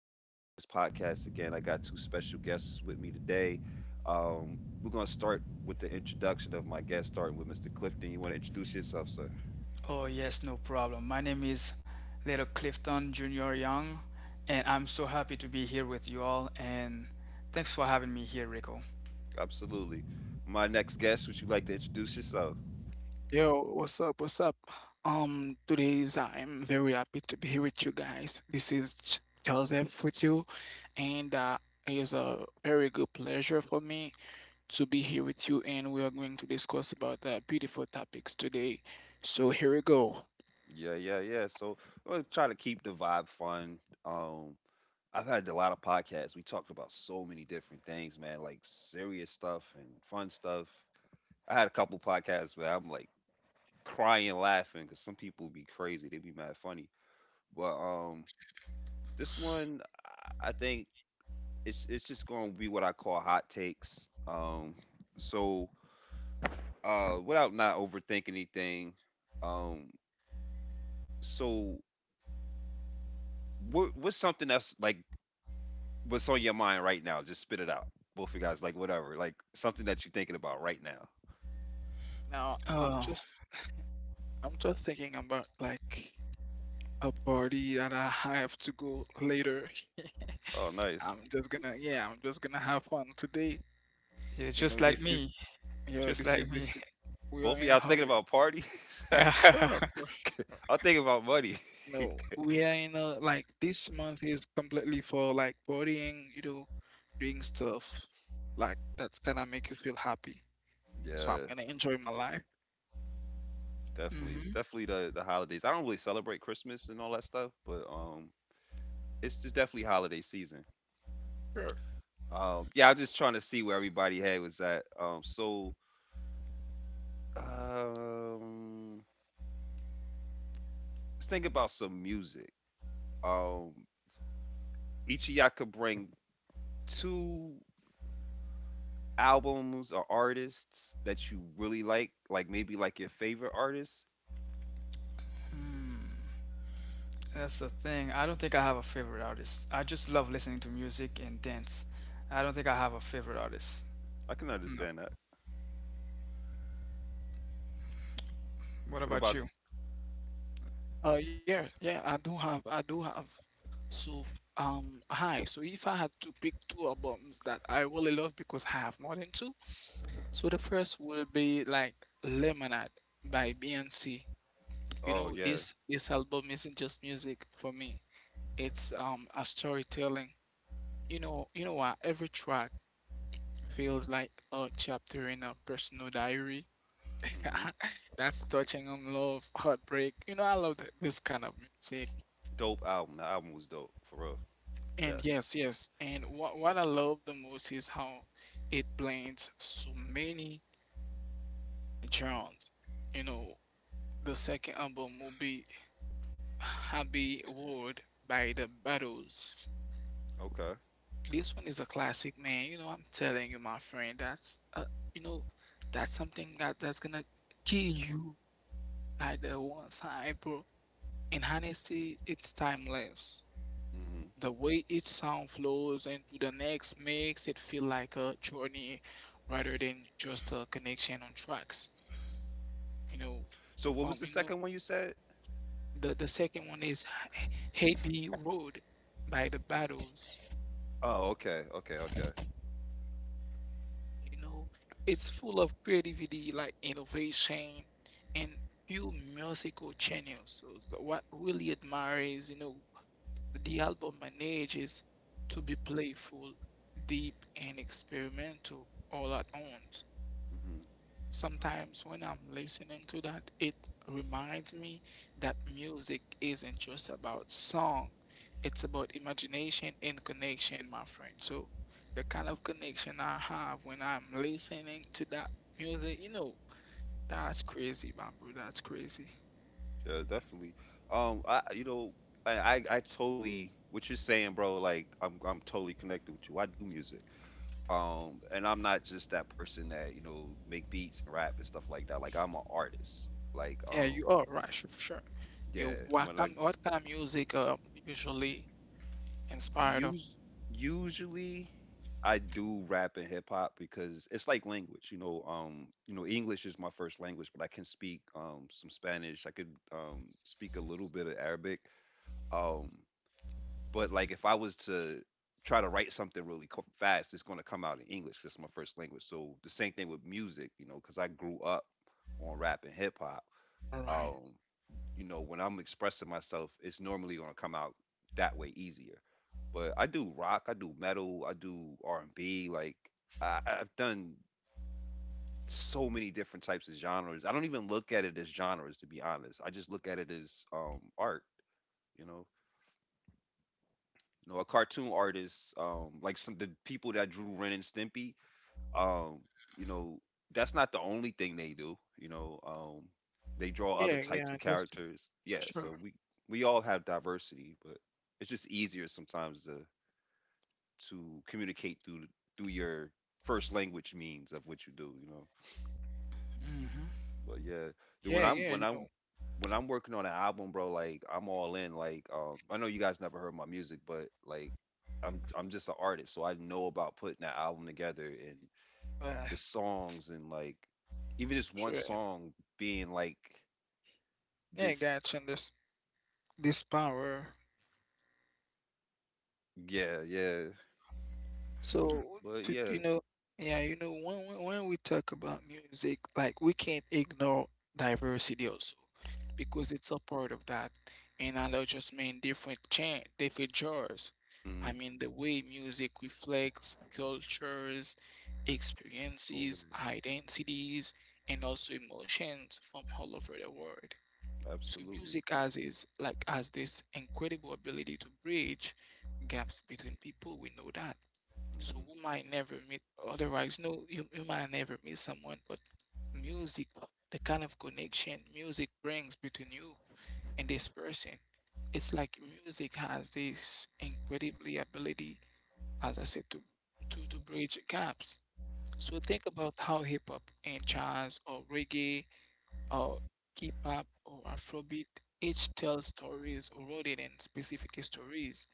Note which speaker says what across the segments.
Speaker 1: with this podcast again. I got two special guests with me today. We're going to start with the introduction of my guest, starting with Mr. Clifton. You want to introduce yourself, sir?
Speaker 2: Oh, yes, no problem. My name is Little Clifton Junior Young, and I'm so happy to be here with you all. And thanks for having me here, Rico.
Speaker 1: Absolutely. My next guest, would you like to introduce yourself?
Speaker 3: Yo, what's up? What's up? Today is I'm very happy to be here with you guys. Joseph with you, and it is a very good pleasure for me to be here with you. And we are going to discuss about beautiful topics today. So here we go.
Speaker 1: Yeah, yeah, yeah. So we am going try to keep the vibe fun. Um, I've had a lot of podcasts. We talked about so many different things, man, like serious stuff and fun stuff. I had a couple podcasts where I'm like crying laughing because some people be crazy, they be mad funny, but this one, i I think it's just gonna be what I call hot takes. So without not overthinking anything. Um so what's something that's like, what's on your mind right now? Just spit it out. Both of you guys, like whatever, like something that you're thinking about right now.
Speaker 3: Now I'm
Speaker 2: Oh,
Speaker 3: just I'm just thinking about like a party that I have to go later.
Speaker 1: Oh,
Speaker 3: I'm
Speaker 1: nice.
Speaker 3: just gonna yeah, I'm just gonna have fun today.
Speaker 2: yeah,
Speaker 3: You
Speaker 2: just
Speaker 3: know
Speaker 2: like
Speaker 3: this is
Speaker 2: me,
Speaker 3: Yo,
Speaker 2: just
Speaker 3: this is
Speaker 2: like me.
Speaker 3: this. is- We are
Speaker 1: Both of
Speaker 3: in a
Speaker 1: y'all thinking
Speaker 3: holiday.
Speaker 1: about parties.
Speaker 3: Sure,
Speaker 2: hmm
Speaker 3: for sure.
Speaker 1: I'm thinking about money.
Speaker 3: No, we are in a like this month is completely for like partying, you know, doing stuff like that's gonna make you feel happy. So I'm
Speaker 1: Yeah.
Speaker 3: gonna enjoy my life.
Speaker 1: Definitely. It's definitely the holidays. I don't really celebrate Christmas and all that stuff, but it's just definitely holiday season.
Speaker 3: Sure.
Speaker 1: Yeah, I'm just trying to see where everybody had was at. Um let's think about some music. Um each of y'all could bring two albums or artists that you really like maybe like your favorite artist.
Speaker 2: That's the thing. I don't think I have a favorite artist. I just love listening to music and dance. I don't think I have a favorite artist.
Speaker 1: I can
Speaker 2: No.
Speaker 1: understand that.
Speaker 2: What
Speaker 1: What about?
Speaker 2: about you?
Speaker 3: Yeah, yeah. I do have. Hi. So if I had to pick two albums that I really love because I have more than two, so the first will be like Lemonade by Beyonce. You
Speaker 1: Oh,
Speaker 3: know,
Speaker 1: yeah.
Speaker 3: this album isn't just music for me. It's a storytelling. You know what? Every track feels like a chapter in a personal diary.
Speaker 1: Mhm.
Speaker 3: That's touching on love, heartbreak. This kind of music.
Speaker 1: Dope album. The album was dope for real. Yeah.
Speaker 3: And yes, yes. And what I love the most is how it blends so many genres. You know, the second album will be Happy World by The Battles.
Speaker 1: Okay.
Speaker 3: This one is a classic, man. You know, I'm telling you, my friend, you know, that's something that that's gonna kill you at the one side, bro. And honestly, it's timeless.
Speaker 1: Mm-hmm.
Speaker 3: The way each sound flows into the next makes it feel like a journey rather than just a connection on tracks. You know,
Speaker 1: So what
Speaker 3: from
Speaker 1: was the
Speaker 3: you know,
Speaker 1: second one you said?
Speaker 3: the second one is Hey Be Road by the Battles.
Speaker 1: Oh, okay, okay, okay.
Speaker 3: You know, it's full of creativity, like innovation and few musical channels. So, what really admire is, you know, the album manages to be playful, deep, and experimental all at once.
Speaker 1: Hmm.
Speaker 3: Sometimes when I'm listening to that, it reminds me that music isn't just about song. It's about imagination and connection, my friend. So the kind of connection I have when I'm listening to that music, you know, that's crazy, man, bro. That's crazy.
Speaker 1: Yeah, definitely. I, I totally what you're saying, bro. Like I'm totally connected with you. I do music. And I'm not just that person that make beats and rap and stuff like that. Like I'm an artist. Like
Speaker 3: Yeah,
Speaker 1: um,
Speaker 3: you are right, sure, for sure.
Speaker 1: yeah.
Speaker 3: You what kind what kind of music usually inspired of
Speaker 1: Us- usually I do rap and hip hop because it's like language, you know. You know, English is my first language, but I can speak some Spanish. I could speak a little bit of Arabic. Um, but like if I was to try to write something really fast, it's going to come out in English. 'Cause it's my first language. So the same thing with music, you know, because I grew up on rap and hip hop.
Speaker 3: Orion?
Speaker 1: Um you know, when I'm expressing myself, it's normally gonna come out that way easier. But I do rock, I do metal, I do R and B. Like I've done so many different types of genres. I don't even look at it as genres, to be honest. I just look at it as art. You know, a cartoon artist, like some the people that drew Ren and Stimpy. um, you know, that's not the only thing they do. You know, they draw other
Speaker 3: Yeah,
Speaker 1: types of
Speaker 3: yeah, just
Speaker 1: characters. Yeah,
Speaker 3: sure.
Speaker 1: so we all have diversity, but it's just easier sometimes to communicate through your first language means of what you do. You know,
Speaker 2: hmm
Speaker 1: but yeah, dude,
Speaker 3: Yeah,
Speaker 1: when I'm
Speaker 3: yeah,
Speaker 1: when
Speaker 3: you
Speaker 1: I'm
Speaker 3: know,
Speaker 1: when I'm working on an album, bro, like I'm all in. Like, I know you guys never heard my music, but like, I'm just an artist, so I know about putting that album together and
Speaker 3: uh,
Speaker 1: the songs and like even this one
Speaker 3: sure.
Speaker 1: song being like
Speaker 3: Yeah,
Speaker 1: this.
Speaker 3: guy, and this power.
Speaker 1: Yeah, yeah.
Speaker 3: So,
Speaker 1: But
Speaker 3: to,
Speaker 1: yeah.
Speaker 3: you know, yeah, you know, when when we talk about music, like we can't ignore diversity also, because it's a part of that. And I know just mean different genres.
Speaker 1: Mm-hmm.
Speaker 3: I mean the way music reflects cultures,
Speaker 1: Go over
Speaker 3: experiences,
Speaker 1: there.
Speaker 3: identities, and also emotions from all over the world. So
Speaker 1: Absolutely.
Speaker 3: music has is like has this incredible ability to bridge gaps between people. We know that so
Speaker 1: Hmm.
Speaker 3: we might never meet otherwise. No, you might never meet someone, but music, the kind of connection music brings between you and this person, it's like music has this incredibly ability, as I said, to bridge gaps. So think about how hip hop and jazz or reggae or K-pop or Afrobeat each tells stories rooted in specific histories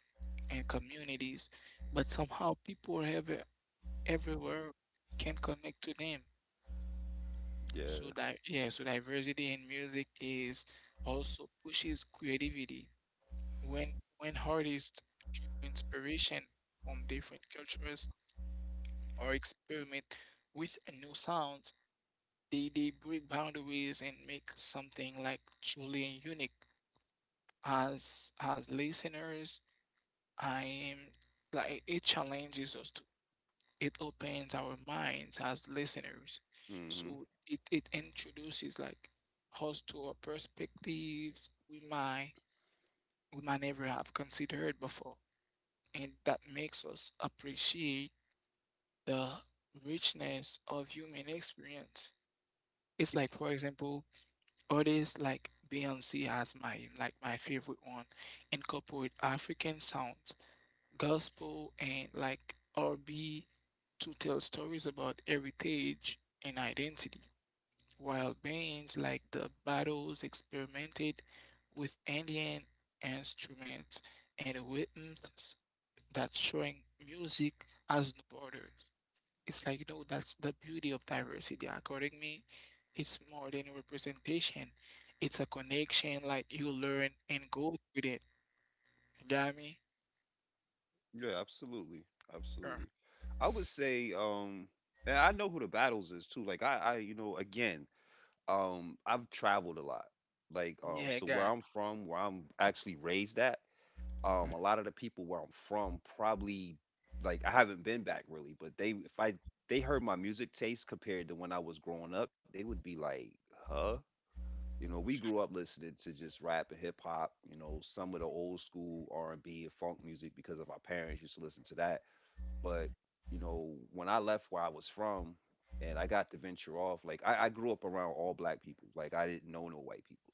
Speaker 3: and communities, but somehow people have a, everywhere can connect to them. So
Speaker 1: Yeah.
Speaker 3: that yeah, so diversity in music is also pushes creativity. When when artists draw inspiration from different cultures or experiment with new sounds, they break boundaries and make something like truly unique. As listeners, I am like it challenges us it opens our minds as listeners.
Speaker 1: Hmm.
Speaker 3: So it introduces like us to our perspectives we might never have considered before. And that makes us appreciate the richness of human experience. It's like for example, artists like Beyonce as my like my favorite one incorporate African sounds gospel and like R&B to tell stories about heritage and identity, while bands like the Battles experimented with Indian instruments and rhythms that showing music as no borders. It's like, you know, that's the beauty of diversity. According to me, it's more than a representation. It's a connection like you learn and go with it. You got me?
Speaker 1: Yeah, absolutely,
Speaker 3: Sure.
Speaker 1: absolutely. I would say, and I know who the battles is too. Like again, I've traveled a lot. Like,
Speaker 3: Yeah, I
Speaker 1: so where
Speaker 3: got
Speaker 1: I'm from, where I'm actually raised at, a lot of the people where I'm from probably, like I haven't been back really, but they, if I they heard my music taste compared to when I was growing up, they would be like, "Huh?" You know, we grew up listening to just rap and hip hop, you know, some of the old school R&B and B and funk music because of our parents used to listen to that, but you know, when I left where I was from and I got to venture off, like I grew up around all black people. Like I didn't know no white people.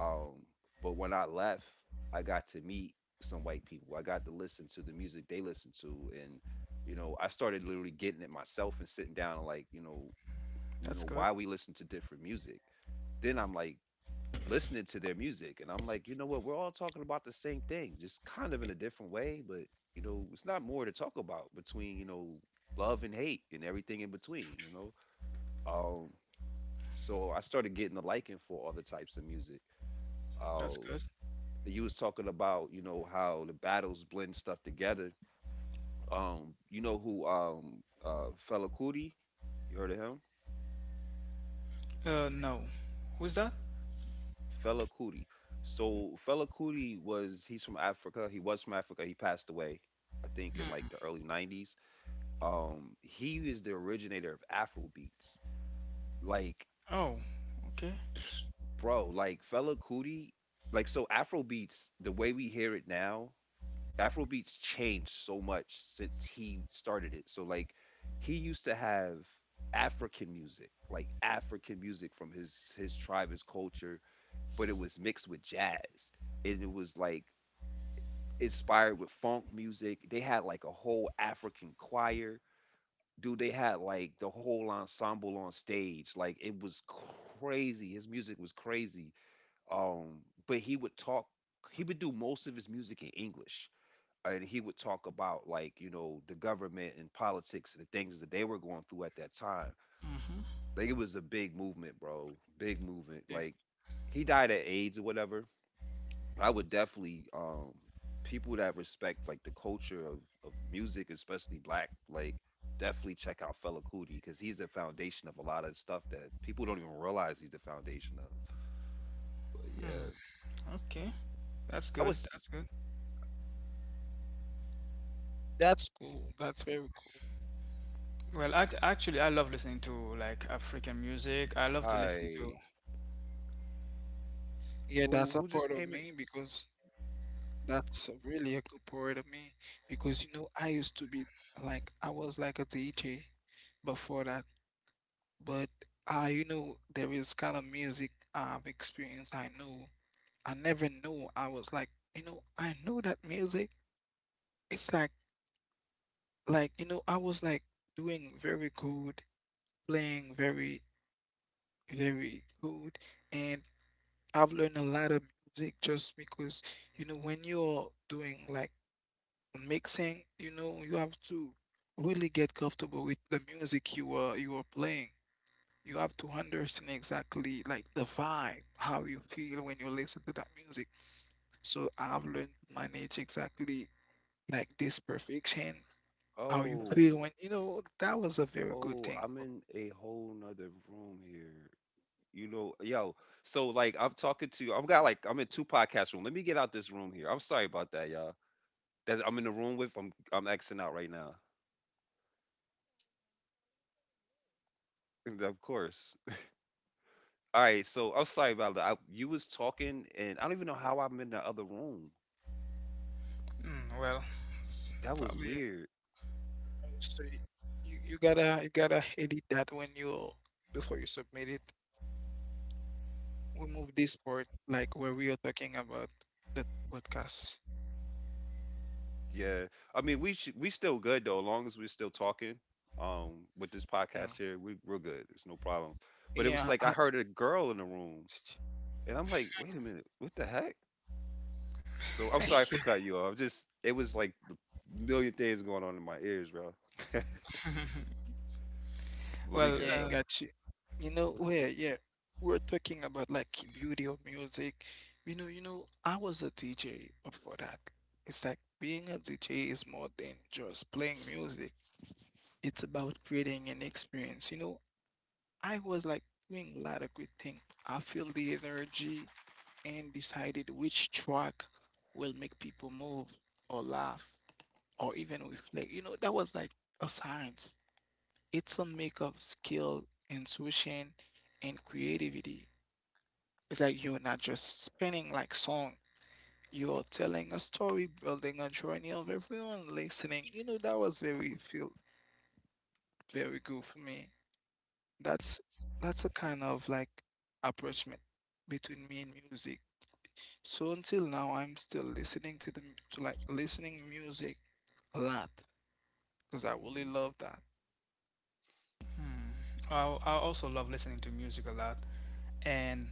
Speaker 1: Um, but when I left, I got to meet some white people. I got to listen to the music they listened to, and you know, I started literally getting it myself and sitting down and like, you
Speaker 2: That's
Speaker 1: know why
Speaker 2: good.
Speaker 1: we listen to different music. Then I'm like listening to their music, and I'm like, you know what? We're all talking about the same thing, just kind of in a different way, but you know, it's not more to talk about between love and hate and everything in between. You know, um, so I started getting a liking for other types of music. Uh,
Speaker 2: That's good.
Speaker 1: you was talking about, you know, how the battles blend stuff together. You know who fella Kuti, you heard of him?
Speaker 2: No. Who's that?
Speaker 1: Fela Kuti. So Fela Kuti was he's from Africa. He was from Africa. He passed away, I think, in like the early 90s. He is the originator of Afro beats, like
Speaker 2: Oh, okay.
Speaker 1: bro, like Fela Kuti. Like, so Afro beats the way we hear it now, Afrobeats changed so much since he started it. So like he used to have African music, like African music from his tribe, his culture, but it was mixed with jazz. And it was like inspired with funk music. They had like a whole African choir. Dude, they had like the whole ensemble on stage. Like it was crazy. His music was crazy. Um, but he would do most of his music in English, and he would talk about, like, you know, the government and politics and the things that they were going through at that time.
Speaker 2: hmm
Speaker 1: Like it was a big movement, bro. Big movement.
Speaker 3: it.
Speaker 1: Like he died at aids or whatever. I would definitely, people that respect like the culture of music, especially black, like definitely check out Fela Kuti because he's the foundation of a lot of stuff that people don't even realize he's the foundation of. But
Speaker 2: Hmm.
Speaker 1: yeah,
Speaker 2: Okay. That's
Speaker 1: I
Speaker 2: good.
Speaker 1: was—
Speaker 2: That's good.
Speaker 3: That's cool. That's very cool.
Speaker 2: Well, ac actually, I love listening to like African music. I love to listen
Speaker 1: Hi.
Speaker 2: to,
Speaker 3: Yeah,
Speaker 1: who
Speaker 3: that's
Speaker 1: who
Speaker 3: a
Speaker 1: just
Speaker 3: part
Speaker 1: came
Speaker 3: of
Speaker 1: in?
Speaker 3: me because that's a really a good part of me because you know I used to be I was like a DJ before that, but you know there is kind of music I've experienced. I know I never knew I was like you know I know that music. It's like you know I was like doing very good, playing very good, and I've learned a lot of music just because, you know, when you're doing like mixing, you know, you have to really get comfortable with the music you are playing. You have to understand exactly like the vibe, how you feel when you listen to that music. So I've learned to manage exactly like this perfection, how you
Speaker 1: Oh.
Speaker 3: feel when, you know, that was a very good
Speaker 1: Oh,
Speaker 3: thing.
Speaker 1: I'm in a whole nother room here. You know, yo, so like I'm talking to you. I've got, like, I'm in two podcast room. Let me get out this room here. I'm sorry about that, y'all. That I'm in the room with. I'm Xing out right now. Of course. All right, so I'm sorry about that. You was talking, and I don't even know how I'm in the other room.
Speaker 2: mm, well,
Speaker 1: That was
Speaker 2: probably,
Speaker 1: weird.
Speaker 3: So y- you gotta you gotta edit that when you before you submit it. Remove this part like where we are talking about the podcast.
Speaker 1: Yeah, I mean we should, we still good though, as long as we're still talking. With this podcast
Speaker 3: Yeah.
Speaker 1: here, we're good. It's no problems. But it was like
Speaker 3: Yeah,
Speaker 1: I
Speaker 3: I
Speaker 1: heard a girl in the room. And I'm like, wait a minute, what the heck? So I'm sorry for cutting you off. Just it was like a million things going on in my ears, bro. But we
Speaker 2: well,
Speaker 1: good
Speaker 3: yeah,
Speaker 1: though.
Speaker 3: I got you. You know where yeah. We're talking about like beauty of music. You know, I was a DJ before that. It's like being a DJ is more than just playing music. It's about creating an experience, you know, I was like doing a lot of good things. I feel the energy and decided which track will make people move or laugh or even reflect. You know, that was like a science. It's a make of skill, intuition, and creativity. It's like you're not just spinning like song. You're telling a story, building a journey of everyone listening. You know, that was very feel very good for me. That's that's a kind of like approachment between me and music. So until now, I'm still listening to to like listening music a lot because I really
Speaker 1: Hmm.
Speaker 3: love that.
Speaker 2: hmm, I, I also love listening to music a lot. And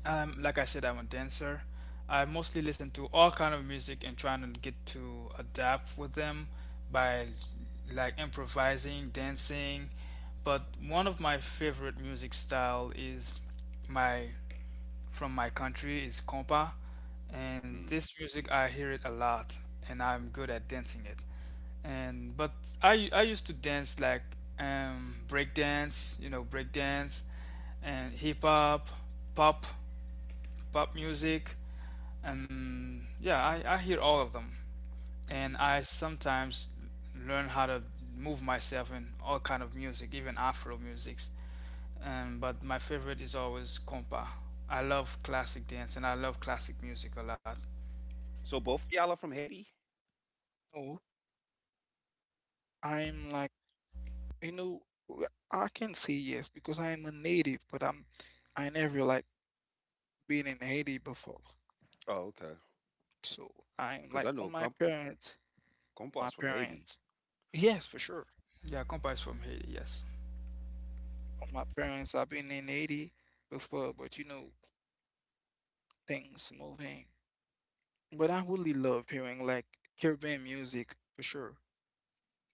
Speaker 2: like I said, I'm a dancer. I mostly listen to all kind of music and trying to get to adapt with them by like improvising, dancing. But one of my favorite music style is my from my country is compa. And
Speaker 1: Mm.
Speaker 2: this music I hear it a lot, and I'm good at dancing it. And but I used to dance like break dance, you know, break dance and hip hop, pop, pop music. And yeah, I hear all of them, and
Speaker 1: Mm-hmm.
Speaker 2: I sometimes learn how to move myself in all kind of music, even afro musics. But my favorite is always compa. I love classic dance, and I love classic music a lot.
Speaker 1: So both of y'all are from Haiti?
Speaker 3: No, I'm like you know w- I can say yes because I'm a native, but I'm I never like been in Haiti before.
Speaker 1: Oh, okay.
Speaker 3: So I'm
Speaker 1: Because I
Speaker 3: like
Speaker 1: know
Speaker 3: for
Speaker 1: compas
Speaker 3: my
Speaker 1: from Haiti.
Speaker 3: parents, yes for sure.
Speaker 2: Yeah, compa is from Haiti, yes.
Speaker 3: On my parents. I've been in Haiti before, but you know, things moving. But I really love hearing like Caribbean music for sure.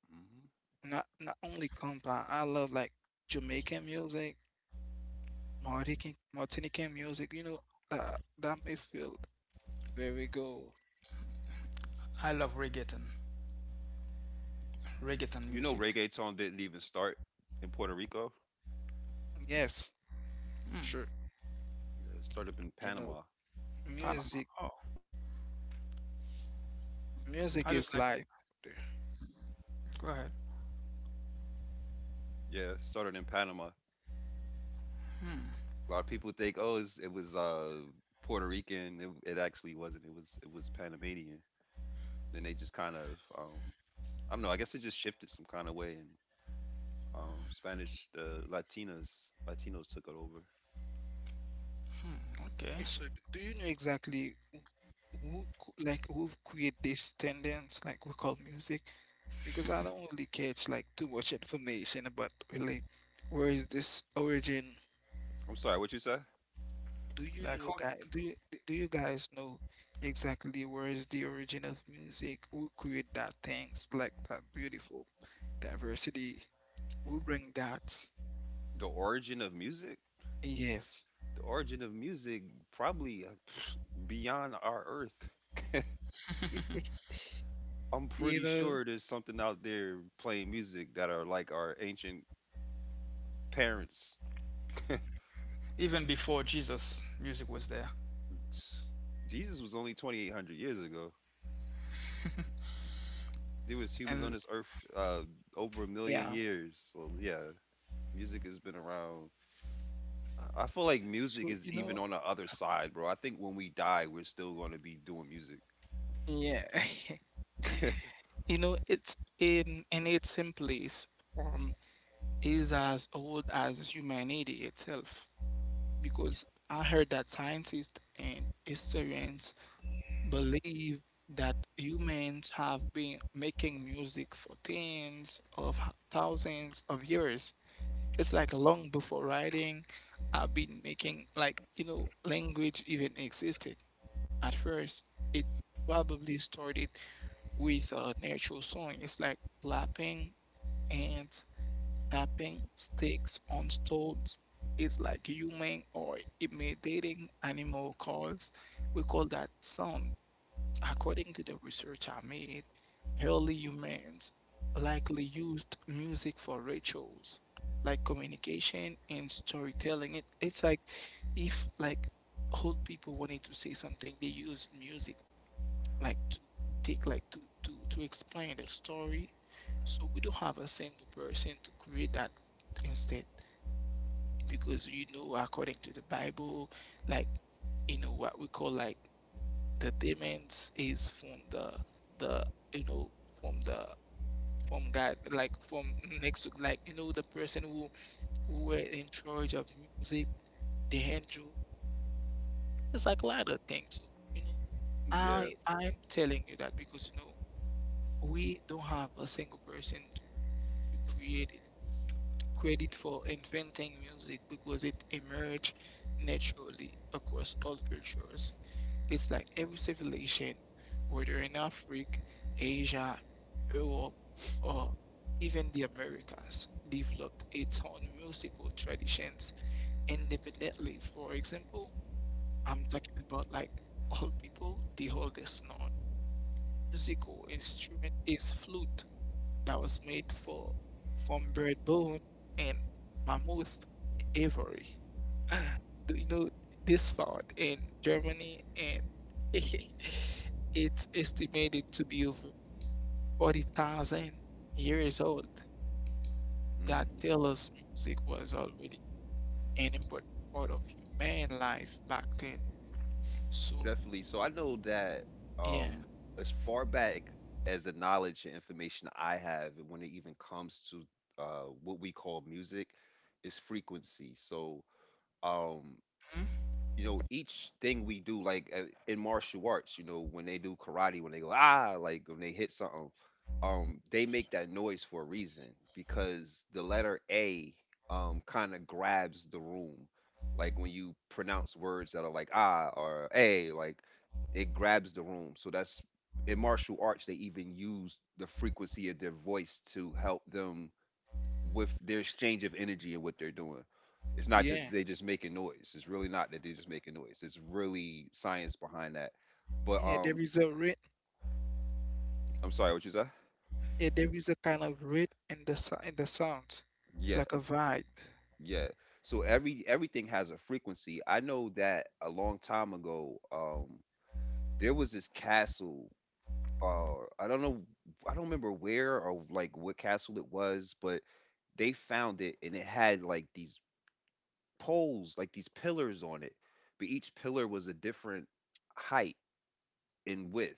Speaker 1: Hmm.
Speaker 3: Not not only compa, I love like Jamaican music, Martinican music. You know that that may feel very good.
Speaker 2: I love reggaeton, reggaeton
Speaker 1: You know,
Speaker 2: music.
Speaker 1: reggaeton didn't even start in Puerto Rico.
Speaker 3: Yes, sure.
Speaker 1: Yeah, it started in
Speaker 3: You know,
Speaker 1: Panama.
Speaker 2: Panama.
Speaker 3: music
Speaker 2: Oh, I just
Speaker 3: music
Speaker 2: like.
Speaker 3: is life. There.
Speaker 2: Go ahead.
Speaker 1: Yeah, it started in Panama. A lot of people think, oh, it was Puerto Rican. It actually wasn't. It was Panamanian. Then they just kind of I don't know. I guess it just shifted some kind of way, and Spanish, the Latinas, Latinos took it over.
Speaker 2: Okay.
Speaker 3: Eh, so, do you know exactly like who create this tendency, like we call music? Because I don't really catch like too much information about really where is this origin.
Speaker 1: I'm sorry, what you say?
Speaker 3: Do you
Speaker 2: Like who?
Speaker 3: know, guys? Do you guys know exactly where is the origin of music? Who create that things like that beautiful diversity? Who bring that?
Speaker 1: The origin of music?
Speaker 3: Yes,
Speaker 1: The origin of music probably beyond our Earth. I'm
Speaker 3: you
Speaker 1: pretty
Speaker 3: know,
Speaker 1: sure there's something out there playing music that are like our ancient parents.
Speaker 2: Even before Jesus, music was there.
Speaker 1: Jesus was only 2,800 years ago. There was humans
Speaker 2: And
Speaker 1: on this earth, uh, over a million
Speaker 3: yeah.
Speaker 1: years. So yeah, music has been around. I feel like music
Speaker 3: So
Speaker 1: is
Speaker 3: you
Speaker 1: even
Speaker 3: know,
Speaker 1: on the other side, bro. I think when we die, we're still going to be doing music.
Speaker 3: yeah. You know, it's in its simplest form is as old as humanity itself. Because I heard that scientists and historians believe that humans have been making music for thousands of years. It's like long before writing, I've been making like, you know, language even existed. At first, it probably started with a natural song. It's like clapping and tapping sticks on stones is like human or imitating animal calls. We call that sound. According to the research I made, early humans likely used music for rituals, like communication and storytelling. It's like if like old people wanted to say something, they use music like to take like to explain the story. So we don't have a single person to create that instead, because you know, according to the Bible, like you know what we call like the demands is from the you know from the from God, like from next to like you know the person who were in charge of music, the angel. It's like a lot of things. So, you know,
Speaker 1: Yeah.
Speaker 3: I I'm telling you that because you know we don't have a single person to create it, to credit for inventing music because it emerged naturally across all cultures. It's like every civilization, whether in Africa, Asia, Europe, or even the Americas, developed its own musical traditions independently. For example, I'm talking about like all people, the oldest known musical instrument is flute that was made for from bird bone and mammoth ivory. Do you know this found in Germany and it's estimated to be over 40,000 years old. That
Speaker 1: Hmm.
Speaker 3: tells us music was already an important part of human life back then. So
Speaker 1: Definitely. So I know that,
Speaker 3: yeah,
Speaker 1: um, as far back as the knowledge and information I have, when it even comes to, what we call music, is frequency. Um,
Speaker 2: hmm?
Speaker 1: you know each thing we do like in martial arts, you know, when they do karate, when they go ah, like when they hit something, they make that noise for a reason, because the letter A kind of grabs the room. Like when you pronounce words that are like ah or a, like it grabs the room. So that's, in martial arts they even use the frequency of their voice to help them with their exchange of energy and what they're doing. It's not
Speaker 3: yeah,
Speaker 1: just they just making noise. It's really not that they're just making noise. It's really science behind that. But
Speaker 3: yeah. There is a rhythm.
Speaker 1: I'm sorry, what you say?
Speaker 3: Yeah, there is a kind of rhythm in in the sounds,
Speaker 1: Yeah,
Speaker 3: like a vibe,
Speaker 1: yeah. So everything has a frequency. I know that a long time ago, there was this castle. I don't know. I don't remember where or like what castle it was, but they found it and it had like these poles, like these pillars on it. But each pillar was a different height and with.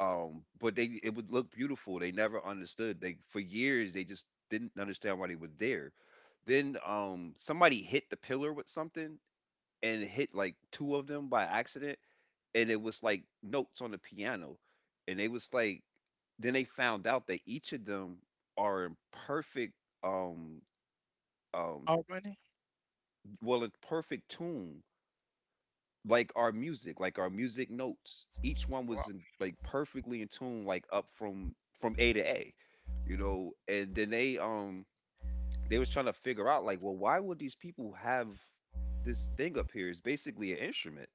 Speaker 1: But they, it would look beautiful. They never understood. They, for years they just didn't understand why they were there. Then somebody hit the pillar with something and hit like two of them by accident, and it was like notes on the piano. And they was like, then they found out that each of them are in perfect um um
Speaker 3: harmony,
Speaker 1: well, in perfect tune, like our music notes. Each one
Speaker 2: Wow.
Speaker 1: was in, like perfectly in tune, like up from A to A, you know. And then they was trying to figure out like, well, why would these people have this thing up here? It's basically an instrument.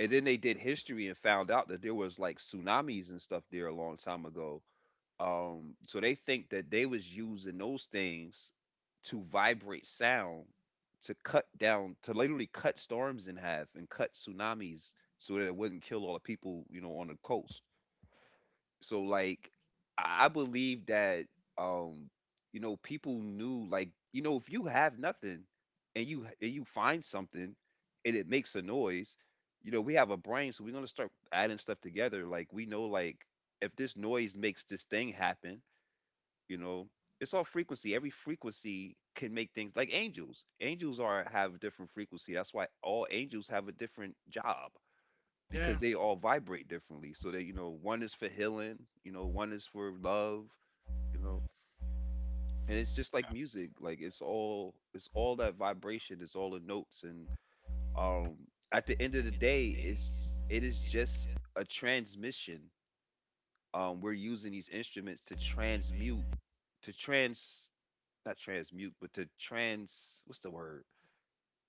Speaker 1: And then they did history and found out that there was like tsunamis and stuff there a long time ago. So they think that they was using those things to vibrate sound, to cut down, to literally cut storms in half and cut tsunamis, so that it wouldn't kill all the people, you know, on the coast. So like I believe that, um you know, people knew like, you know, if you have nothing and you find something and it makes a noise, you know, we have a brain, so we're gonna start adding stuff together. Like we know, like if this noise makes this thing happen, you know. It's all frequency. Every frequency can make things, like angels, angels are have a different frequency. That's why all angels have a different job,
Speaker 3: Yeah,
Speaker 1: because they all vibrate differently. So that, you know, one is for healing, you know, one is for love, you know. And it's just like music. Like it's all, it's all that vibration, it's all the notes. And um at the end of the day, it is just a transmission. We're using these instruments to transmute, to trans, not transmute, but to trans, what's the word?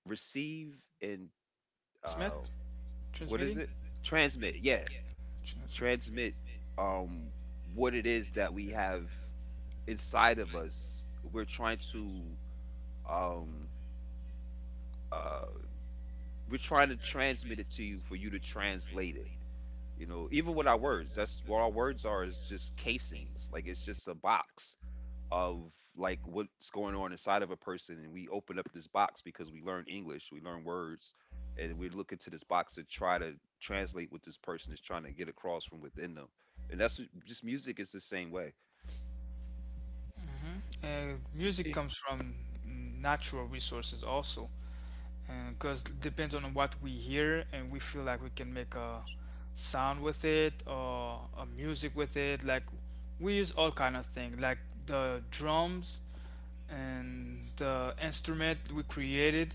Speaker 1: Receive and uh
Speaker 2: Smith
Speaker 1: what is
Speaker 2: transmitting.
Speaker 1: it? Transmit, yeah.
Speaker 2: Transmit.
Speaker 1: Transmit um what it is that we have inside of us. Um uh we're trying to transmit it to you for you to translate it. You know, even with our words, that's what our words are, is just casings. Like it's just a box of like what's going on inside of a person, and we open up this box because we learn English, we learn words, and we look into this box to try to translate what this person is trying to get across from within them. And just music is the same way.
Speaker 3: yeah,
Speaker 2: Music comes from natural resources also. Because depends on what we hear and we feel, like we can make a sound with it or a music with it. Like we use all kind of things, like the drums and the instrument we created,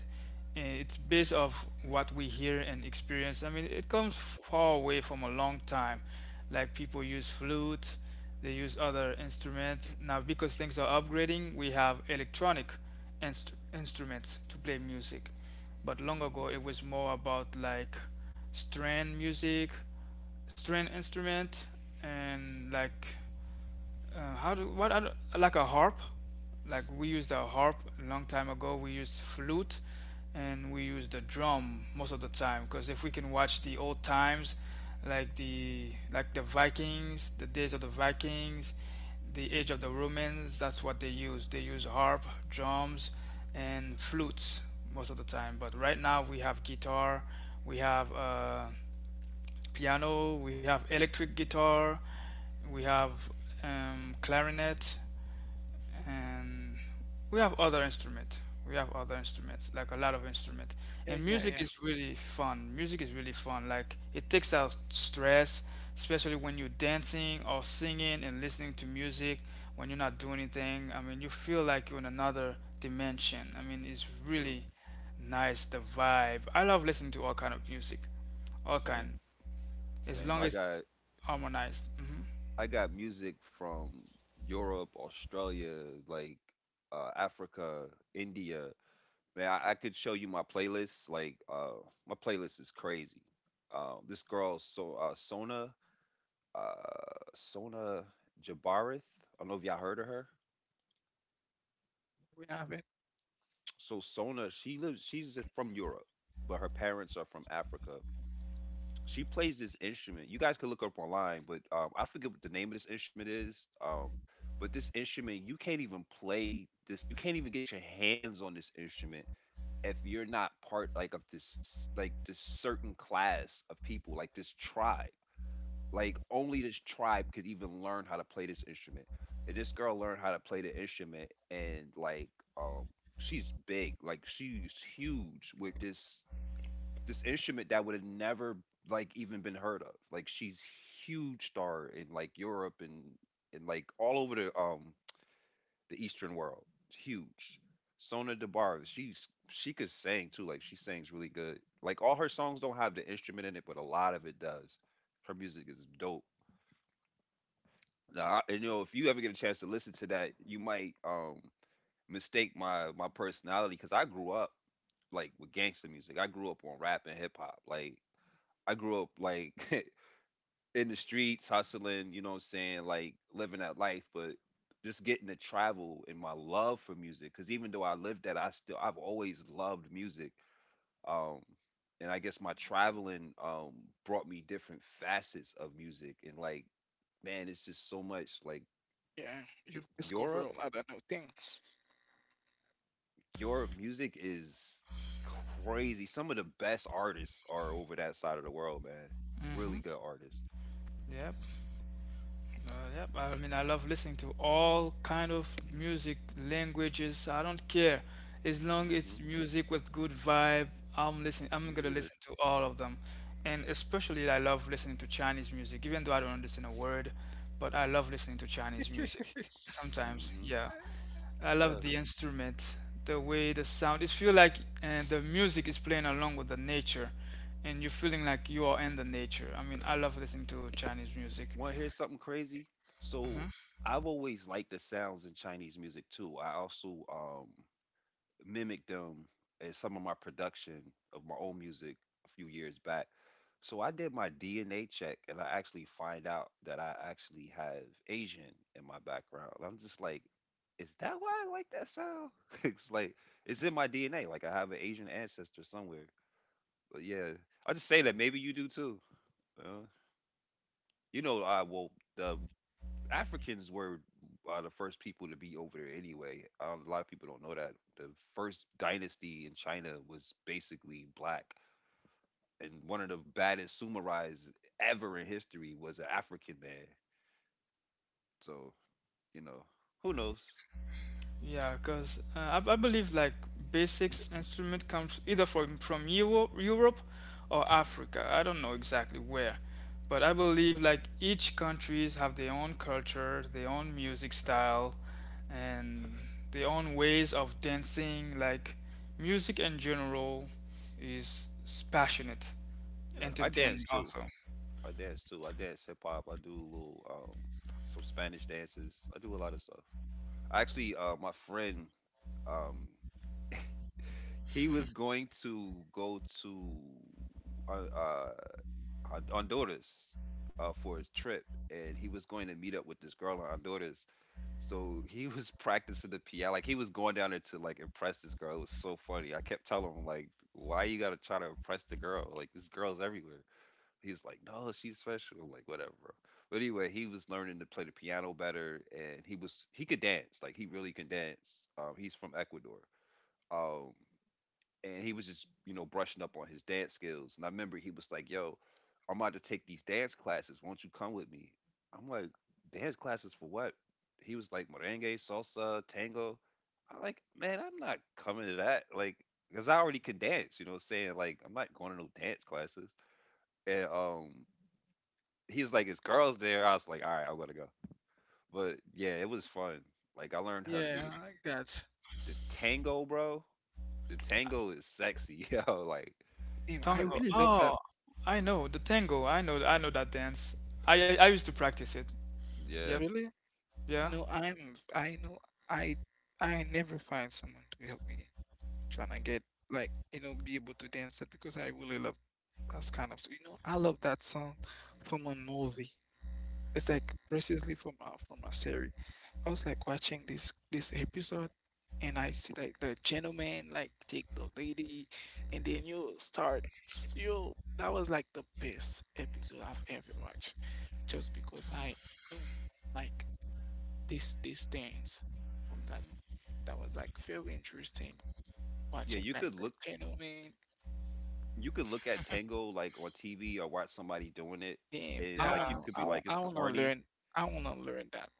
Speaker 2: and it's based off what we hear and experience. I mean, it comes far away from a long time. Like people use flute, they use other instrument. Now because things are upgrading, we have electronic instruments to play music. But long
Speaker 1: Hmm.
Speaker 2: ago it was more about like string music, string instrument, and like how do what other, like a harp? Like we used a harp a long time ago. We used flute, and we used the drum most of the time. Because if we can watch the old times, like the Vikings, the days of the Vikings, the
Speaker 1: Hmm.
Speaker 2: age of the Romans, that's what they use. They use harp, drums, and flutes most of the time. But right now we have guitar, we have piano, we have electric guitar, we have clarinet, and we have other instrument, we have other instruments, like a lot of instruments. And music
Speaker 3: yeah.
Speaker 2: is really fun. Music is really fun. Like it takes out stress, especially when you're dancing or singing and listening to music. When you're not doing anything, I mean, you feel like you're in another dimension. I mean, it's
Speaker 1: True.
Speaker 2: really nice, the vibe. I love listening to all kind of music, all
Speaker 1: Same.
Speaker 2: kind, as
Speaker 1: same
Speaker 2: long
Speaker 1: i
Speaker 2: as
Speaker 1: got
Speaker 2: harmonized.
Speaker 1: i got music from Europe, Australia, like Africa, India. Man, I could show you my playlist. Like, my playlist is crazy. This girl, so Sona, uh, Sona Jabarith. I don't know if y'all heard of her.
Speaker 3: We have it.
Speaker 1: So Sona, she lives, she's from Europe, but her parents are from Africa. She plays this instrument. You guys could look up online, but I forget what the name of this instrument is. But this instrument, you can't even play this. You can't even get your hands on this instrument if you're not part like of this, like this certain class of people, like this tribe. Like only this tribe could even learn how to play this instrument. And this girl learned how to play the instrument, and like um she's big, like she's huge with this, this instrument that would have never like even been heard of. Like she's huge star in like Europe, and like all over the Eastern world. It's huge. Sona Debar, she could sing too. Like she sings really good. Like all her songs don't have the instrument in it, but a lot of it does. Her music is dope. Now, you know, if you ever get a chance to listen to that, you might mistake my personality, because I grew up like with gangster music. I grew up on rap and hip hop. Like I grew up like in the streets hustling, you know what I'm saying, like living that life. But just getting to travel and my love for music, cuz even though I lived that, I've always loved music. Um and I guess my traveling brought me different facets of music, and like man, it's just so much. like
Speaker 3: Yeah,
Speaker 1: it,
Speaker 3: you've discovered
Speaker 1: Europe,
Speaker 3: a lot of new things.
Speaker 1: Europe music is crazy. Some of the best artists are over that side of the world, man. Really
Speaker 2: Hmm
Speaker 1: good artists.
Speaker 2: yep. Yep, I mean, I love listening to all kind of music, languages. So I don't care. As long
Speaker 1: Mm. Mhm.
Speaker 2: as music with good vibe, I'm listening. I'm
Speaker 1: You
Speaker 2: gonna
Speaker 1: either.
Speaker 2: listen to all of them. And especially I love listening to Chinese music, even though I don't understand a word, but I love listening to Chinese music.
Speaker 1: Mm.
Speaker 2: Sometimes,
Speaker 1: Mhm.
Speaker 2: yeah. I love the instrument, the way the sound. It feel like and the music is playing along with the nature, and you're feeling like you are in the nature. I mean, I love listening to Chinese music.
Speaker 1: Want to hear something crazy? So
Speaker 2: Mm-hmm.
Speaker 1: I've always liked the sounds in Chinese music too. I also mimicked them in some of my production of my own music a few years back. So I did my DNA check, and I actually find out that I actually have Asian in my background. And I'm just like, is that why I like that sound? It's like it's in my DNA. Like I have an Asian ancestor somewhere. But yeah, I just say that maybe you do too. Uh, you know, I well the Africans were are the first people to be over there anyway. A lot of people don't know that the first dynasty in China was basically black, and one of the baddest samurais ever in history was an African man. So you know, who knows?
Speaker 2: Yeah, because I believe like basics instrument comes either from Euro, Europe, or Africa. I don't know exactly where, but I believe like each countries have their own culture, their own music style, and their own ways of dancing. Like music in general is passionate,
Speaker 1: Yeah, I dance
Speaker 2: entertaining
Speaker 1: too.
Speaker 2: also.
Speaker 1: I dance too. I dance hip hop. I do a little some Spanish dances. I do a lot of stuff. Actually, my friend, um, he was going to go to uh, uh, Honduras for his trip, and he was going to meet up with this girl in Honduras. So he was practicing the piano, like he was going down there to like impress this girl. It was so funny. I kept telling him like, "Why you gotta try to impress the girl? Like this girl's everywhere." He's like, "No, she's special." I'm like, "Whatever, bro." But anyway, he was learning to play the piano better, and he could dance. Like he really can dance. He's from Ecuador. Um, and he was just, you know, brushing up on his dance skills. And I remember he was like, "Yo, I'm about to take these dance classes. Won't you come with me?" I'm like, dance classes for what? He was like merengue, salsa, tango. I'm like, man, I'm not coming to that. Like, because I already can dance, you know what I'm saying? Like, I'm not going to no dance classes. And he was like, it's girls there. I was like, all right, I'm going to go. But yeah, it was fun. Like, I learned how to do
Speaker 3: Yeah, I like that.
Speaker 1: the tango, bro. The tango is sexy, yo. Like,
Speaker 3: And I
Speaker 1: that's-
Speaker 2: Tango.
Speaker 3: really love that.
Speaker 2: Oh, I know the tango. I know that dance. I used to practice it. Yep.
Speaker 1: yeah.
Speaker 3: Really? You
Speaker 2: Yeah,
Speaker 3: know, I know, I, I never find someone to help me trying to get, like, you know, be able to dance that because I really love that kind of, you know, I love that song from a movie. It's like recently from from a series. I was like watching this episode, and I see like the gentleman like take the lady, and then you start you. That was like the best episode I've ever watched, just because I knew like this these things from that.
Speaker 1: Hmm.
Speaker 3: That was like very interesting
Speaker 1: Yeah,
Speaker 3: watching like the gentleman.
Speaker 1: you could look at tango like on TV or watch somebody doing it,
Speaker 3: Damn,
Speaker 1: and
Speaker 3: I
Speaker 1: like
Speaker 2: yeah,
Speaker 1: you
Speaker 3: wanna
Speaker 1: could
Speaker 3: I,
Speaker 1: be
Speaker 3: wa-
Speaker 1: like, it's corny.
Speaker 3: I wanna learn that.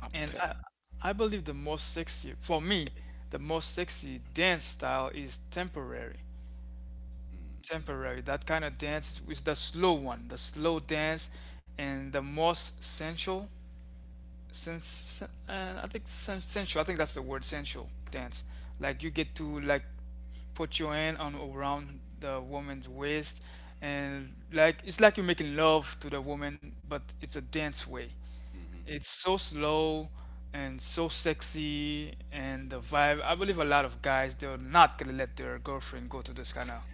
Speaker 3: I'm
Speaker 2: and I
Speaker 3: telling.
Speaker 2: I believe the most sexy for me, the most sexy dance style is temporary. Temporary, that kind of dance is the slow one, the slow dance, and the most sensual. Since sensual, I think that's the word, sensual dance. Like you get to like put your hand on around the woman's waist, and like it's like you're making love to the woman, but it's a dance way.
Speaker 1: Mm,
Speaker 2: It's so slow and so sexy and the vibe. I believe a lot of guys they're not gonna let their girlfriend go to this kind of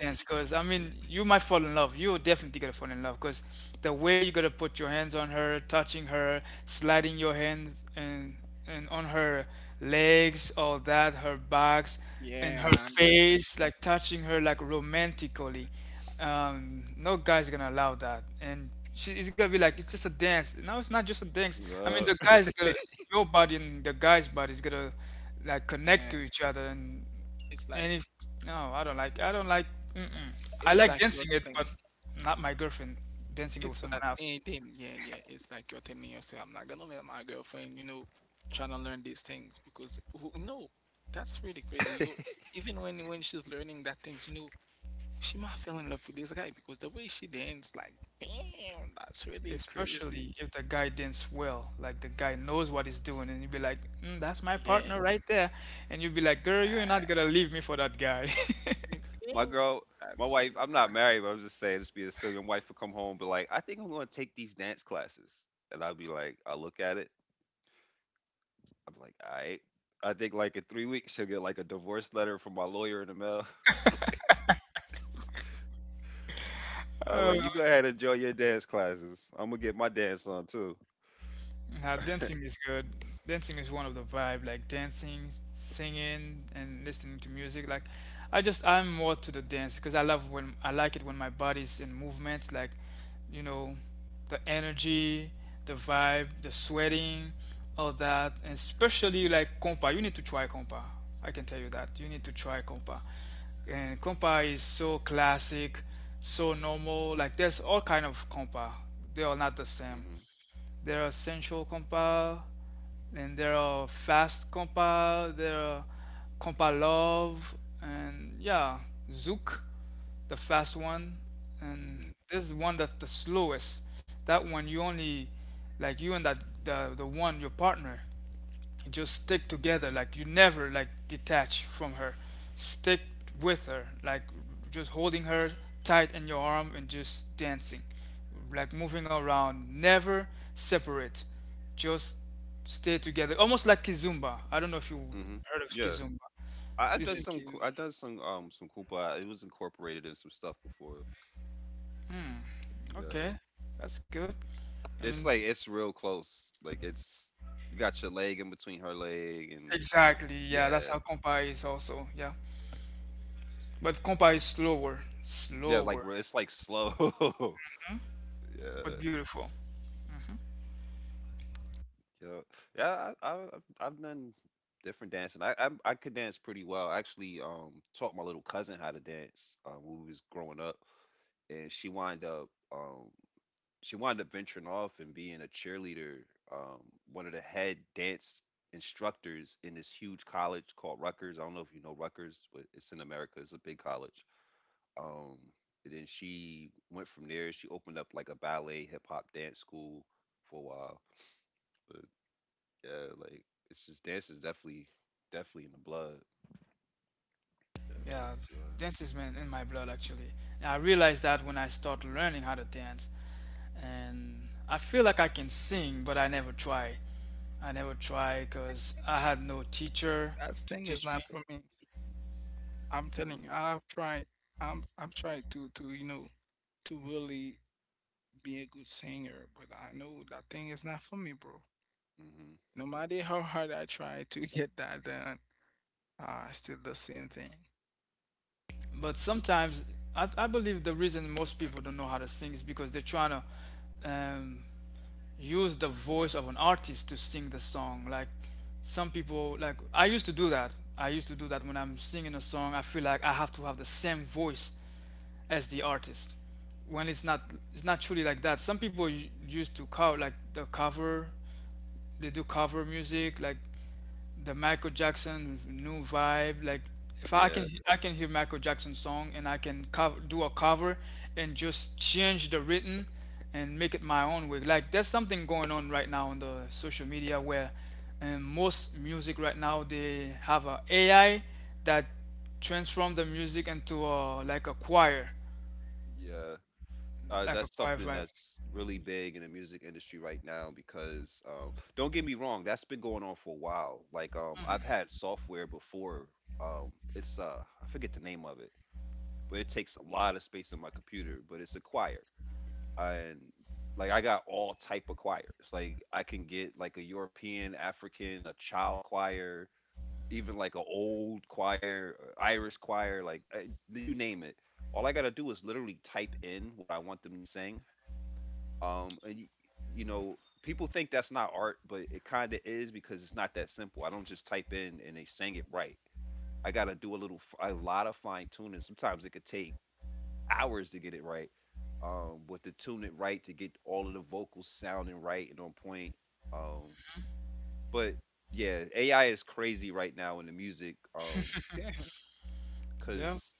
Speaker 2: dance, because I mean you might fall in love. You're definitely gonna fall in love, because the way you got to put your hands on her, touching her, sliding your hands and on her legs, all that, her backs and
Speaker 3: Yeah,
Speaker 2: her
Speaker 3: I understand.
Speaker 2: face, like touching her like romantically. No guy's gonna allow that, and she, it's gonna be like it's just a dance. No, it's not just a dance. I mean, the guy's gonna
Speaker 1: Yup.
Speaker 2: your body and the guy's body is gonna like connect
Speaker 3: Yeah.
Speaker 2: to each other. and
Speaker 3: It's like
Speaker 2: and if no, I don't like, I don't like. Mm-mm. I
Speaker 3: it's
Speaker 2: like
Speaker 3: like you're
Speaker 2: dancing it,
Speaker 3: telling
Speaker 2: but not my girlfriend dancing it with
Speaker 3: it's
Speaker 2: someone
Speaker 3: like
Speaker 2: else.
Speaker 3: anything. Yeah, yeah. It's like you're telling yourself, I'm not gonna let my girlfriend, you know, trying to learn these things because who no, that's really crazy. You even when she's learning that things, you know, she might fell in love with this guy because the way she dance, like, damn, that's really crazy.
Speaker 2: Especially if the guy dances well, like the guy knows what he's doing, and you'd be like mm, that's my
Speaker 3: Yeah.
Speaker 2: partner right there. And you'd be like, girl, you're
Speaker 3: I
Speaker 2: not gonna leave me for that guy.
Speaker 3: think
Speaker 1: my girl, my
Speaker 3: that's
Speaker 1: wife.
Speaker 3: you know,
Speaker 1: I'm
Speaker 3: kind
Speaker 1: not
Speaker 3: of,
Speaker 1: married, but I'm just saying, just be a silly. My wife would come home, but like, I think I'm going to take these dance classes, and I'll be like, I look at it, I'm like, all right. I think like in three weeks she'll get like a divorce letter from my lawyer in the mail. I'm like, you go ahead and enjoy your dance classes. I'm gonna get my dance on too.
Speaker 2: Now, dancing is good. Dancing is one of the vibe, like dancing, singing, and listening to music. Like, I'm more to the dance because I love when I like it when my body's in movement. Like, you know, the energy, the vibe, the sweating, all that, and especially like compa. You need to try compa. I can tell you that you need to try compa. And compa is so classic, so normal. Like, there's all kind of compa. They are not the same.
Speaker 1: Mm-hmm.
Speaker 2: There are central compile, and there are fast compile, there are compilove, and yeah, Zook, the fast one, and
Speaker 1: Mm-hmm.
Speaker 2: this is one that's the slowest. That one you only like you and that the one your partner. You just stick together. Like you never like detach from her. Stick with her. Like just holding her tight in your arm and just dancing. Like moving around. Never separate. Just stay together. Almost like Kizumba. I don't know if you
Speaker 1: Mm-hmm.
Speaker 2: heard of
Speaker 1: Yeah.
Speaker 2: Kizumba.
Speaker 1: I done
Speaker 2: This
Speaker 3: yeah,
Speaker 2: is
Speaker 1: some.
Speaker 3: kid,
Speaker 1: I done some. Some Koopa. It was incorporated in some stuff before. Yeah,
Speaker 2: okay. That's good. I mean,
Speaker 1: it's like it's real close. Like it's, you got your leg in between her leg, and
Speaker 2: exactly. Yeah, that's
Speaker 1: yeah,
Speaker 2: how compa is also. Yeah, but compa is slower,
Speaker 1: yeah. Like
Speaker 2: slower,
Speaker 1: it's like slow.
Speaker 2: but
Speaker 1: Yeah,
Speaker 2: beautiful.
Speaker 1: yeah, yeah. I've done different dancing. I could dance pretty well. I actually taught my little cousin how to dance, when we was growing up, and um she wound up venturing off and being a cheerleader, um, one of the head dance instructors in this huge college called Rutgers. I don't know if you know Rutgers, but it's in America. It's a big college. Um, and then she went from there. She opened up like a ballet, hip hop, dance school for a while. But yeah, like it's just dance is definitely, definitely in the blood. Definitely in
Speaker 2: Yeah,
Speaker 1: the blood.
Speaker 2: dance is in my blood actually. And I realized that when I start learning how to dance, and I feel like I can sing, but I never try. I never try because I had no teacher
Speaker 3: that
Speaker 2: to
Speaker 3: thing is
Speaker 2: teach me.
Speaker 3: not for me. I'm telling you,
Speaker 1: Hmm.
Speaker 3: I've tried. I'm trying to you know to really be a good singer, but I know that thing is not for me, bro.
Speaker 1: Mm-hmm.
Speaker 3: No matter how hard I try to get that done, still the same thing.
Speaker 2: But sometimes I believe the reason most people don't know how to sing is because they're trying to um, use the voice of an artist to sing the song. Like some people, like I used to do that. I used to do that when I'm singing a song. I feel like I have to have the same voice as the artist, when it's not, it's not truly like that. Some people used to cover, like the cover, they do cover music, like the Michael Jackson new vibe. Like if I can,
Speaker 1: Yeah,
Speaker 2: I can hear Michael Jackson song and I can cover, do a cover and just change the written and make it my own way. Like there's something going on right now on the social media where most music right now they have a AI that transform the music into a
Speaker 1: yeah.
Speaker 2: like a
Speaker 1: That's
Speaker 2: choir
Speaker 1: something
Speaker 2: vibe.
Speaker 1: that's really big in the music industry right now because don't get me wrong, that's been going on for a while. Like I've had software before. It's I forget the name of it, but it takes a lot of space in my computer. But it's a choir, and like I got all type of choirs. Like I can get like a European, African, a child choir, even like a old choir, a Irish choir, like I, you name it. All I gotta do is literally type in what I want them to sing, and y- you know, people think that's not art, but it kind of is because it's not that simple. I don't just type in and they sing it right. I gotta do a little, a lot of fine tuning. Sometimes it could take hours to get it right. But to tune it right to get all of the vocals sounding right and on point. Um, but yeah, AI is crazy right now in the music.
Speaker 3: Yeah,
Speaker 2: Yeah,
Speaker 1: Cause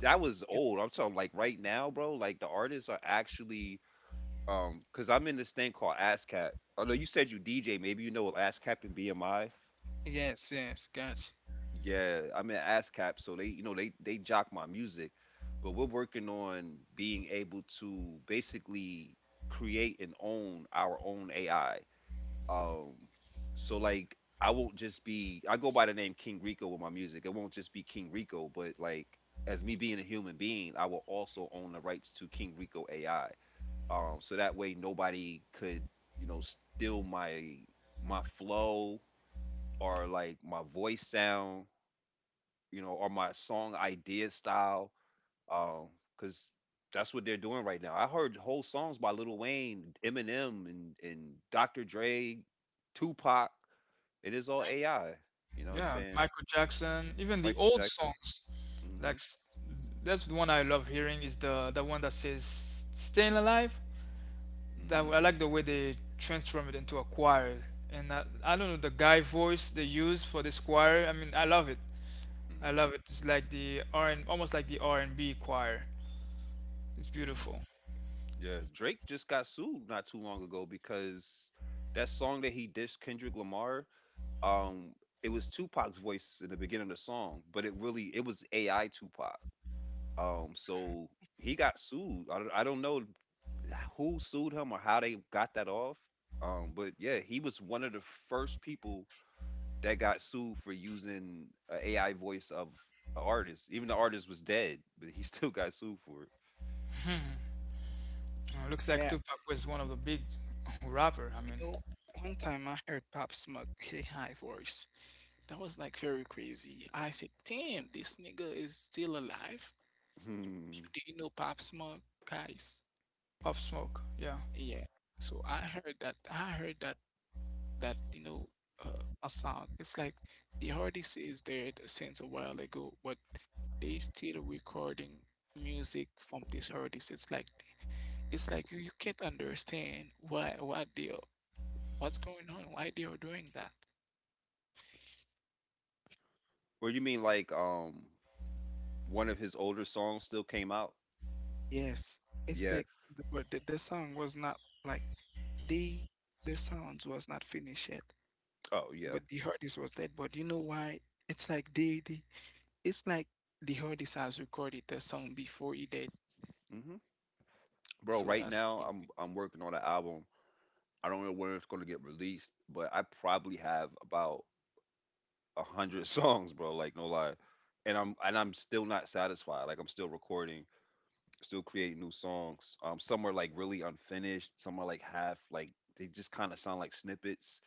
Speaker 1: that was
Speaker 3: it's
Speaker 1: old. I'm talking like right now, bro. Like the artists are actually because I'm in this thing called ASCAP. Oh no, you said you DJ. Maybe you know what ASCAP and BMI.
Speaker 3: yes, yes, gotcha.
Speaker 1: Yeah, I'm in ASCAP, so they you know they jock my music, but we're working on being able to basically create and own our own AI. Um, so like I won't just be I go by the name King Rico with my music. It won't just be King Rico, but like as me being a human being, I will also own the rights to King Rico AI so that way nobody could steal my my flow or like my voice sound, or my song idea style um because that's what they're doing right now. I heard whole songs by Lil Wayne, Eminem, and Dr. Dre, Tupac. It is all AI, you know what I'm
Speaker 2: yeah.
Speaker 1: saying?
Speaker 2: Michael Jackson, even the
Speaker 1: Michael
Speaker 2: old
Speaker 1: Jackson.
Speaker 2: songs, like
Speaker 1: Mhm.
Speaker 2: that's the one I love hearing, is the one that says "Staying Alive." That
Speaker 1: Mhm.
Speaker 2: I like the way they transform it into a choir, and I don't know the guy voice they use for this choir. I mean, I love it. I
Speaker 1: Mhm.
Speaker 2: love it. It's like the R and almost like the R and B choir. It's
Speaker 1: Mhm.
Speaker 2: beautiful.
Speaker 1: Yeah, Drake just got sued not too long ago because that song that he dissed Kendrick Lamar um it was Tupac's voice in the beginning of the song, but it really it was AI Tupac. So he got sued. I don't know who sued him or how they got that off. But yeah, he was one of the first people that got sued for using an AI voice of an artist. Even the artist was dead, but he still got sued for it.
Speaker 2: Looks
Speaker 3: Yeah,
Speaker 2: like Tupac was one of the big rapper. I
Speaker 3: you
Speaker 2: mean,
Speaker 3: know, one time I heard Pop Smoke hit high voice. That was like very crazy. I said, "Damn, this nigga is still alive."
Speaker 1: Hmm.
Speaker 3: Do you know Pop Smoke, guys?
Speaker 2: Pop Smoke. Yeah.
Speaker 3: Yeah. So I heard that. I heard that that you know a sound. It's like the artist is dead since a while ago, but they still recording music from this artist. It's like you can't understand why what's going on, why they are doing that.
Speaker 1: Well, you mean like one of his older songs still came out?
Speaker 3: Yes, it's
Speaker 1: Yeah.
Speaker 3: like but the song was not like the the sounds was not finished yet,
Speaker 1: Oh yeah.
Speaker 3: but the artist was dead. But you know why? It's like they it's like the artist has recorded the song before he did.
Speaker 1: Mm-hmm. Bro,
Speaker 3: So
Speaker 1: right
Speaker 3: that's
Speaker 1: now
Speaker 3: it.
Speaker 1: I'm working on an album. I don't know where it's gonna get released, but I probably have about a hundred songs, bro. Like no lie, and I'm still not satisfied. Like I'm still recording, still creating new songs. Some are like really unfinished. Some are like half like they just kind of sound like snippets.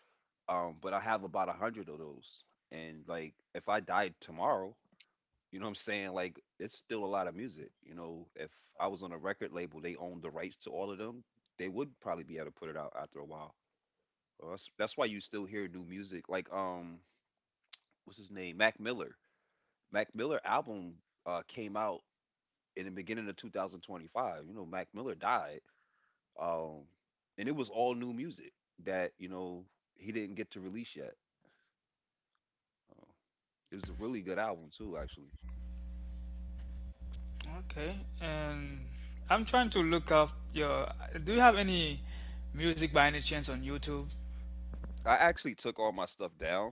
Speaker 1: But I have about a hundred of those, and like if I died tomorrow, you know what I'm saying? Like it's still a lot of music. You know, if I was on a record label, they owned the rights to all of them. They would probably be able to put it out after a while. Well, that's why you still hear new music. Like what's his name? Mac Miller. Mac Miller album came out in the beginning of 2025. You know, Mac Miller died. Um, and it was all new music that he didn't get to release yet. Uh, it was a really good album too, actually.
Speaker 2: Okay, and I'm trying to look up your. Do you have any music by any chance on YouTube?
Speaker 1: I actually took all my stuff down.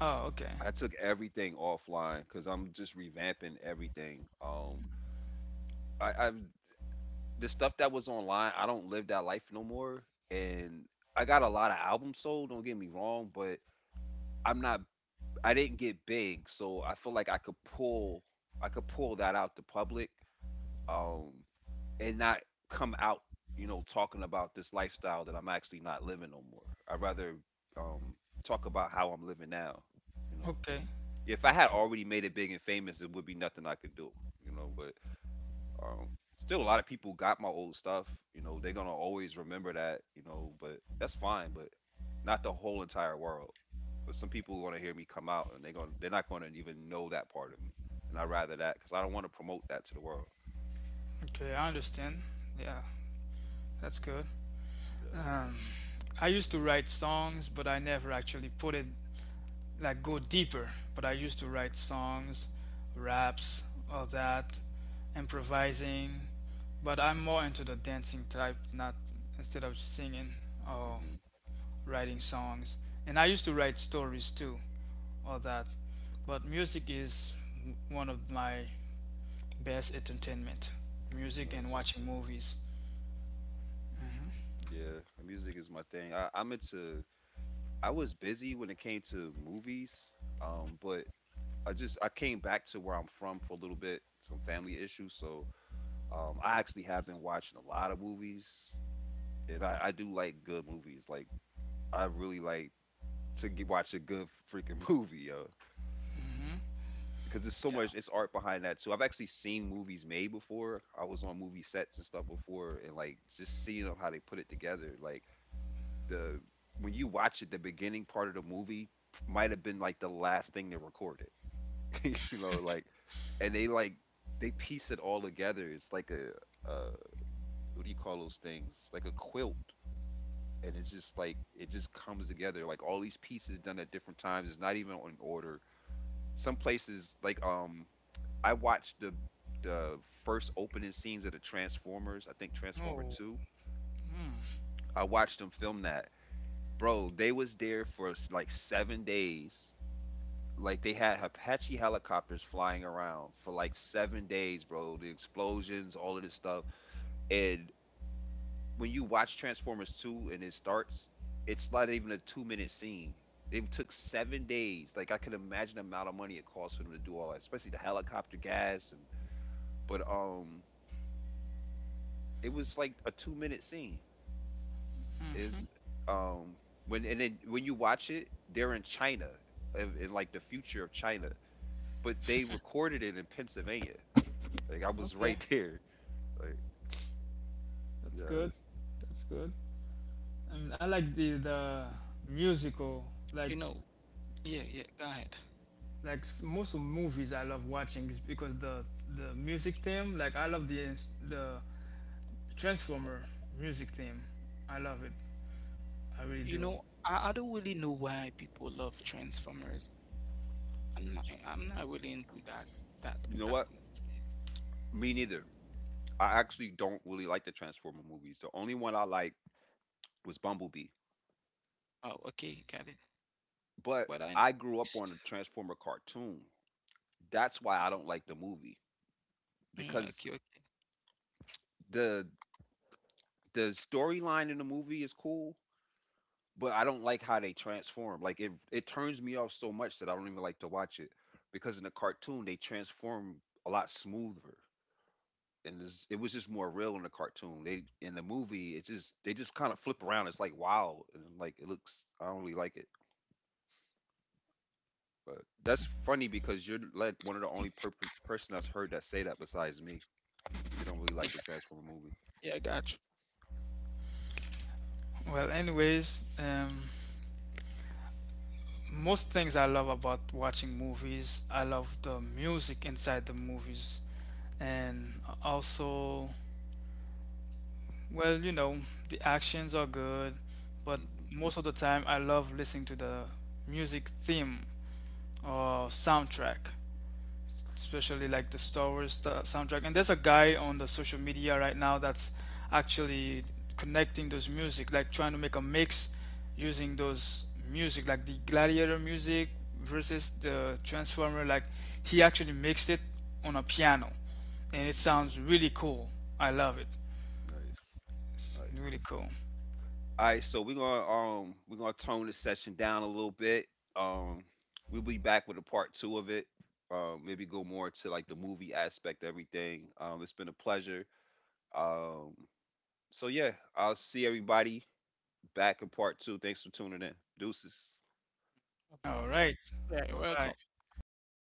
Speaker 2: Oh, okay,
Speaker 1: I took everything offline because I'm just revamping everything. I, I've the stuff that was online, I don't live that life no more. And I got a lot of albums sold. Don't get me wrong, but I'm not. I didn't get big, so I feel like I could pull. I could pull that out to public, um, and not come out, you know, talking about this lifestyle that I'm actually not living no more. I'd rather um, talk about how I'm living now, you know.
Speaker 2: okay,
Speaker 1: If I had
Speaker 2: okay,
Speaker 1: already made it big and famous, it would be nothing I could do, you know. But um, still, a lot of people got my old stuff. You know, they're gonna always remember that, you know. But that's fine. But not the whole entire world. But some people want to hear me come out, and they're not gonna even know that part of me. And I rather that because I don't want to promote that to the world.
Speaker 2: okay. I
Speaker 1: Um,
Speaker 2: understand. Yeah, that's good.
Speaker 1: yeah.
Speaker 2: Um, I used to write songs, but I never actually put it like go deeper. But I used to write songs, raps, all that, improvising. But I'm more into the dancing type, not instead of singing. Oh.
Speaker 1: Mhm.
Speaker 2: Writing songs, and I used to write stories too, all that. But music is one of my best entertainment. Music and
Speaker 1: Nice.
Speaker 2: watching movies.
Speaker 1: Yeah, music is my thing. I, I'm into. I was busy when it came to movies, but I came back to where I'm from for a little bit, some family issues. So I actually have been watching a lot of movies, and I do like good movies. Like I really like to watch a good freaking movie, yo,
Speaker 2: hmm
Speaker 1: because there's so
Speaker 2: Yeah.
Speaker 1: much it's art behind that too. I've actually seen movies made before. I was on movie sets and stuff before, and like just seeing them how they put it together, like the when you watch it, the beginning part of the movie might have been like the last thing they recorded, you know, like, and they piece it all together. It's like a uh, what do you call those things? Like a quilt, and it's just like it just comes together. Like all these pieces done at different times. It's not even in order. Some places, like I watched the first opening scenes of the Transformers. I think Transformer
Speaker 2: Oh.
Speaker 1: Two. I watched them film that. Bro, they was there for like 7 days. Like they had Apache helicopters flying around for like 7 days, bro. The explosions, all of this stuff. And when you watch Transformers 2 and it starts, it's not even a 2 minute scene. They took 7 days. Like I could imagine the amount of money it cost for them to do all that, especially the helicopter gas and but it was like a 2 minute scene. Is
Speaker 2: hmm
Speaker 1: um when and then when you watch it, they're in China, in like the future of China. But they recorded it in Pennsylvania. Like I was
Speaker 2: Okay.
Speaker 1: right there. Like
Speaker 2: That's
Speaker 1: yeah.
Speaker 2: good. That's good. I mean, I like the musical
Speaker 3: You
Speaker 2: like
Speaker 3: know, yeah, yeah, go ahead.
Speaker 2: most of movies I love watching is because the music theme. Like I love the Transformer music theme. I love it. I really
Speaker 3: You
Speaker 2: do.
Speaker 3: know, I don't really know why people love Transformers. I'm not really into that
Speaker 1: You know
Speaker 3: that
Speaker 1: what?
Speaker 3: much.
Speaker 1: Me neither. I actually don't really like the Transformer movies. The only one I like was Bumblebee.
Speaker 3: Oh, okay, got it.
Speaker 1: But
Speaker 3: But I
Speaker 1: I grew up
Speaker 3: it's,
Speaker 1: on the Transformer cartoon. That's why I don't like the movie
Speaker 3: mm,
Speaker 1: because
Speaker 3: okay, okay.
Speaker 1: the the storyline in the movie is cool, but I don't like how they transform. Like it turns me off so much that I don't even like to watch it because in the cartoon they transform a lot smoother. And it was just more real in the cartoon. They in the movie, it's just they just kind of flip around. It's like wow, and I'm like it looks. I don't really like it, but that's funny because you're like one of the only person I've heard that say that besides me. They don't really like the Transformer movie.
Speaker 3: Yeah, I got you.
Speaker 2: Well, anyways, most things I love about watching movies, I love the music inside the movies, and also, well, you know, the actions are good, but
Speaker 1: Hmm.
Speaker 2: most of the time I love listening to the music theme or soundtrack. Especially like the Star Wars soundtrack. And there's a guy on the social media right now that's actually connecting those music, like trying to make a mix using those music, like the Gladiator music versus the Transformer. Like he actually mixed it on a piano, and it
Speaker 1: Hmm.
Speaker 2: sounds really cool. I love it.
Speaker 1: Nice, nice.
Speaker 2: Really cool.
Speaker 1: All right, so we're gonna tone this session down a little bit. Um, we'll be back with a part two of it. Maybe go more to like the movie aspect, of everything. It's been a pleasure. Um, So yeah, I'll see everybody back in part two. Thanks for tuning in. Deuces.
Speaker 3: No
Speaker 2: All
Speaker 3: problem.
Speaker 2: right. Bye
Speaker 3: Right,
Speaker 2: bye.
Speaker 3: welcome. Bye.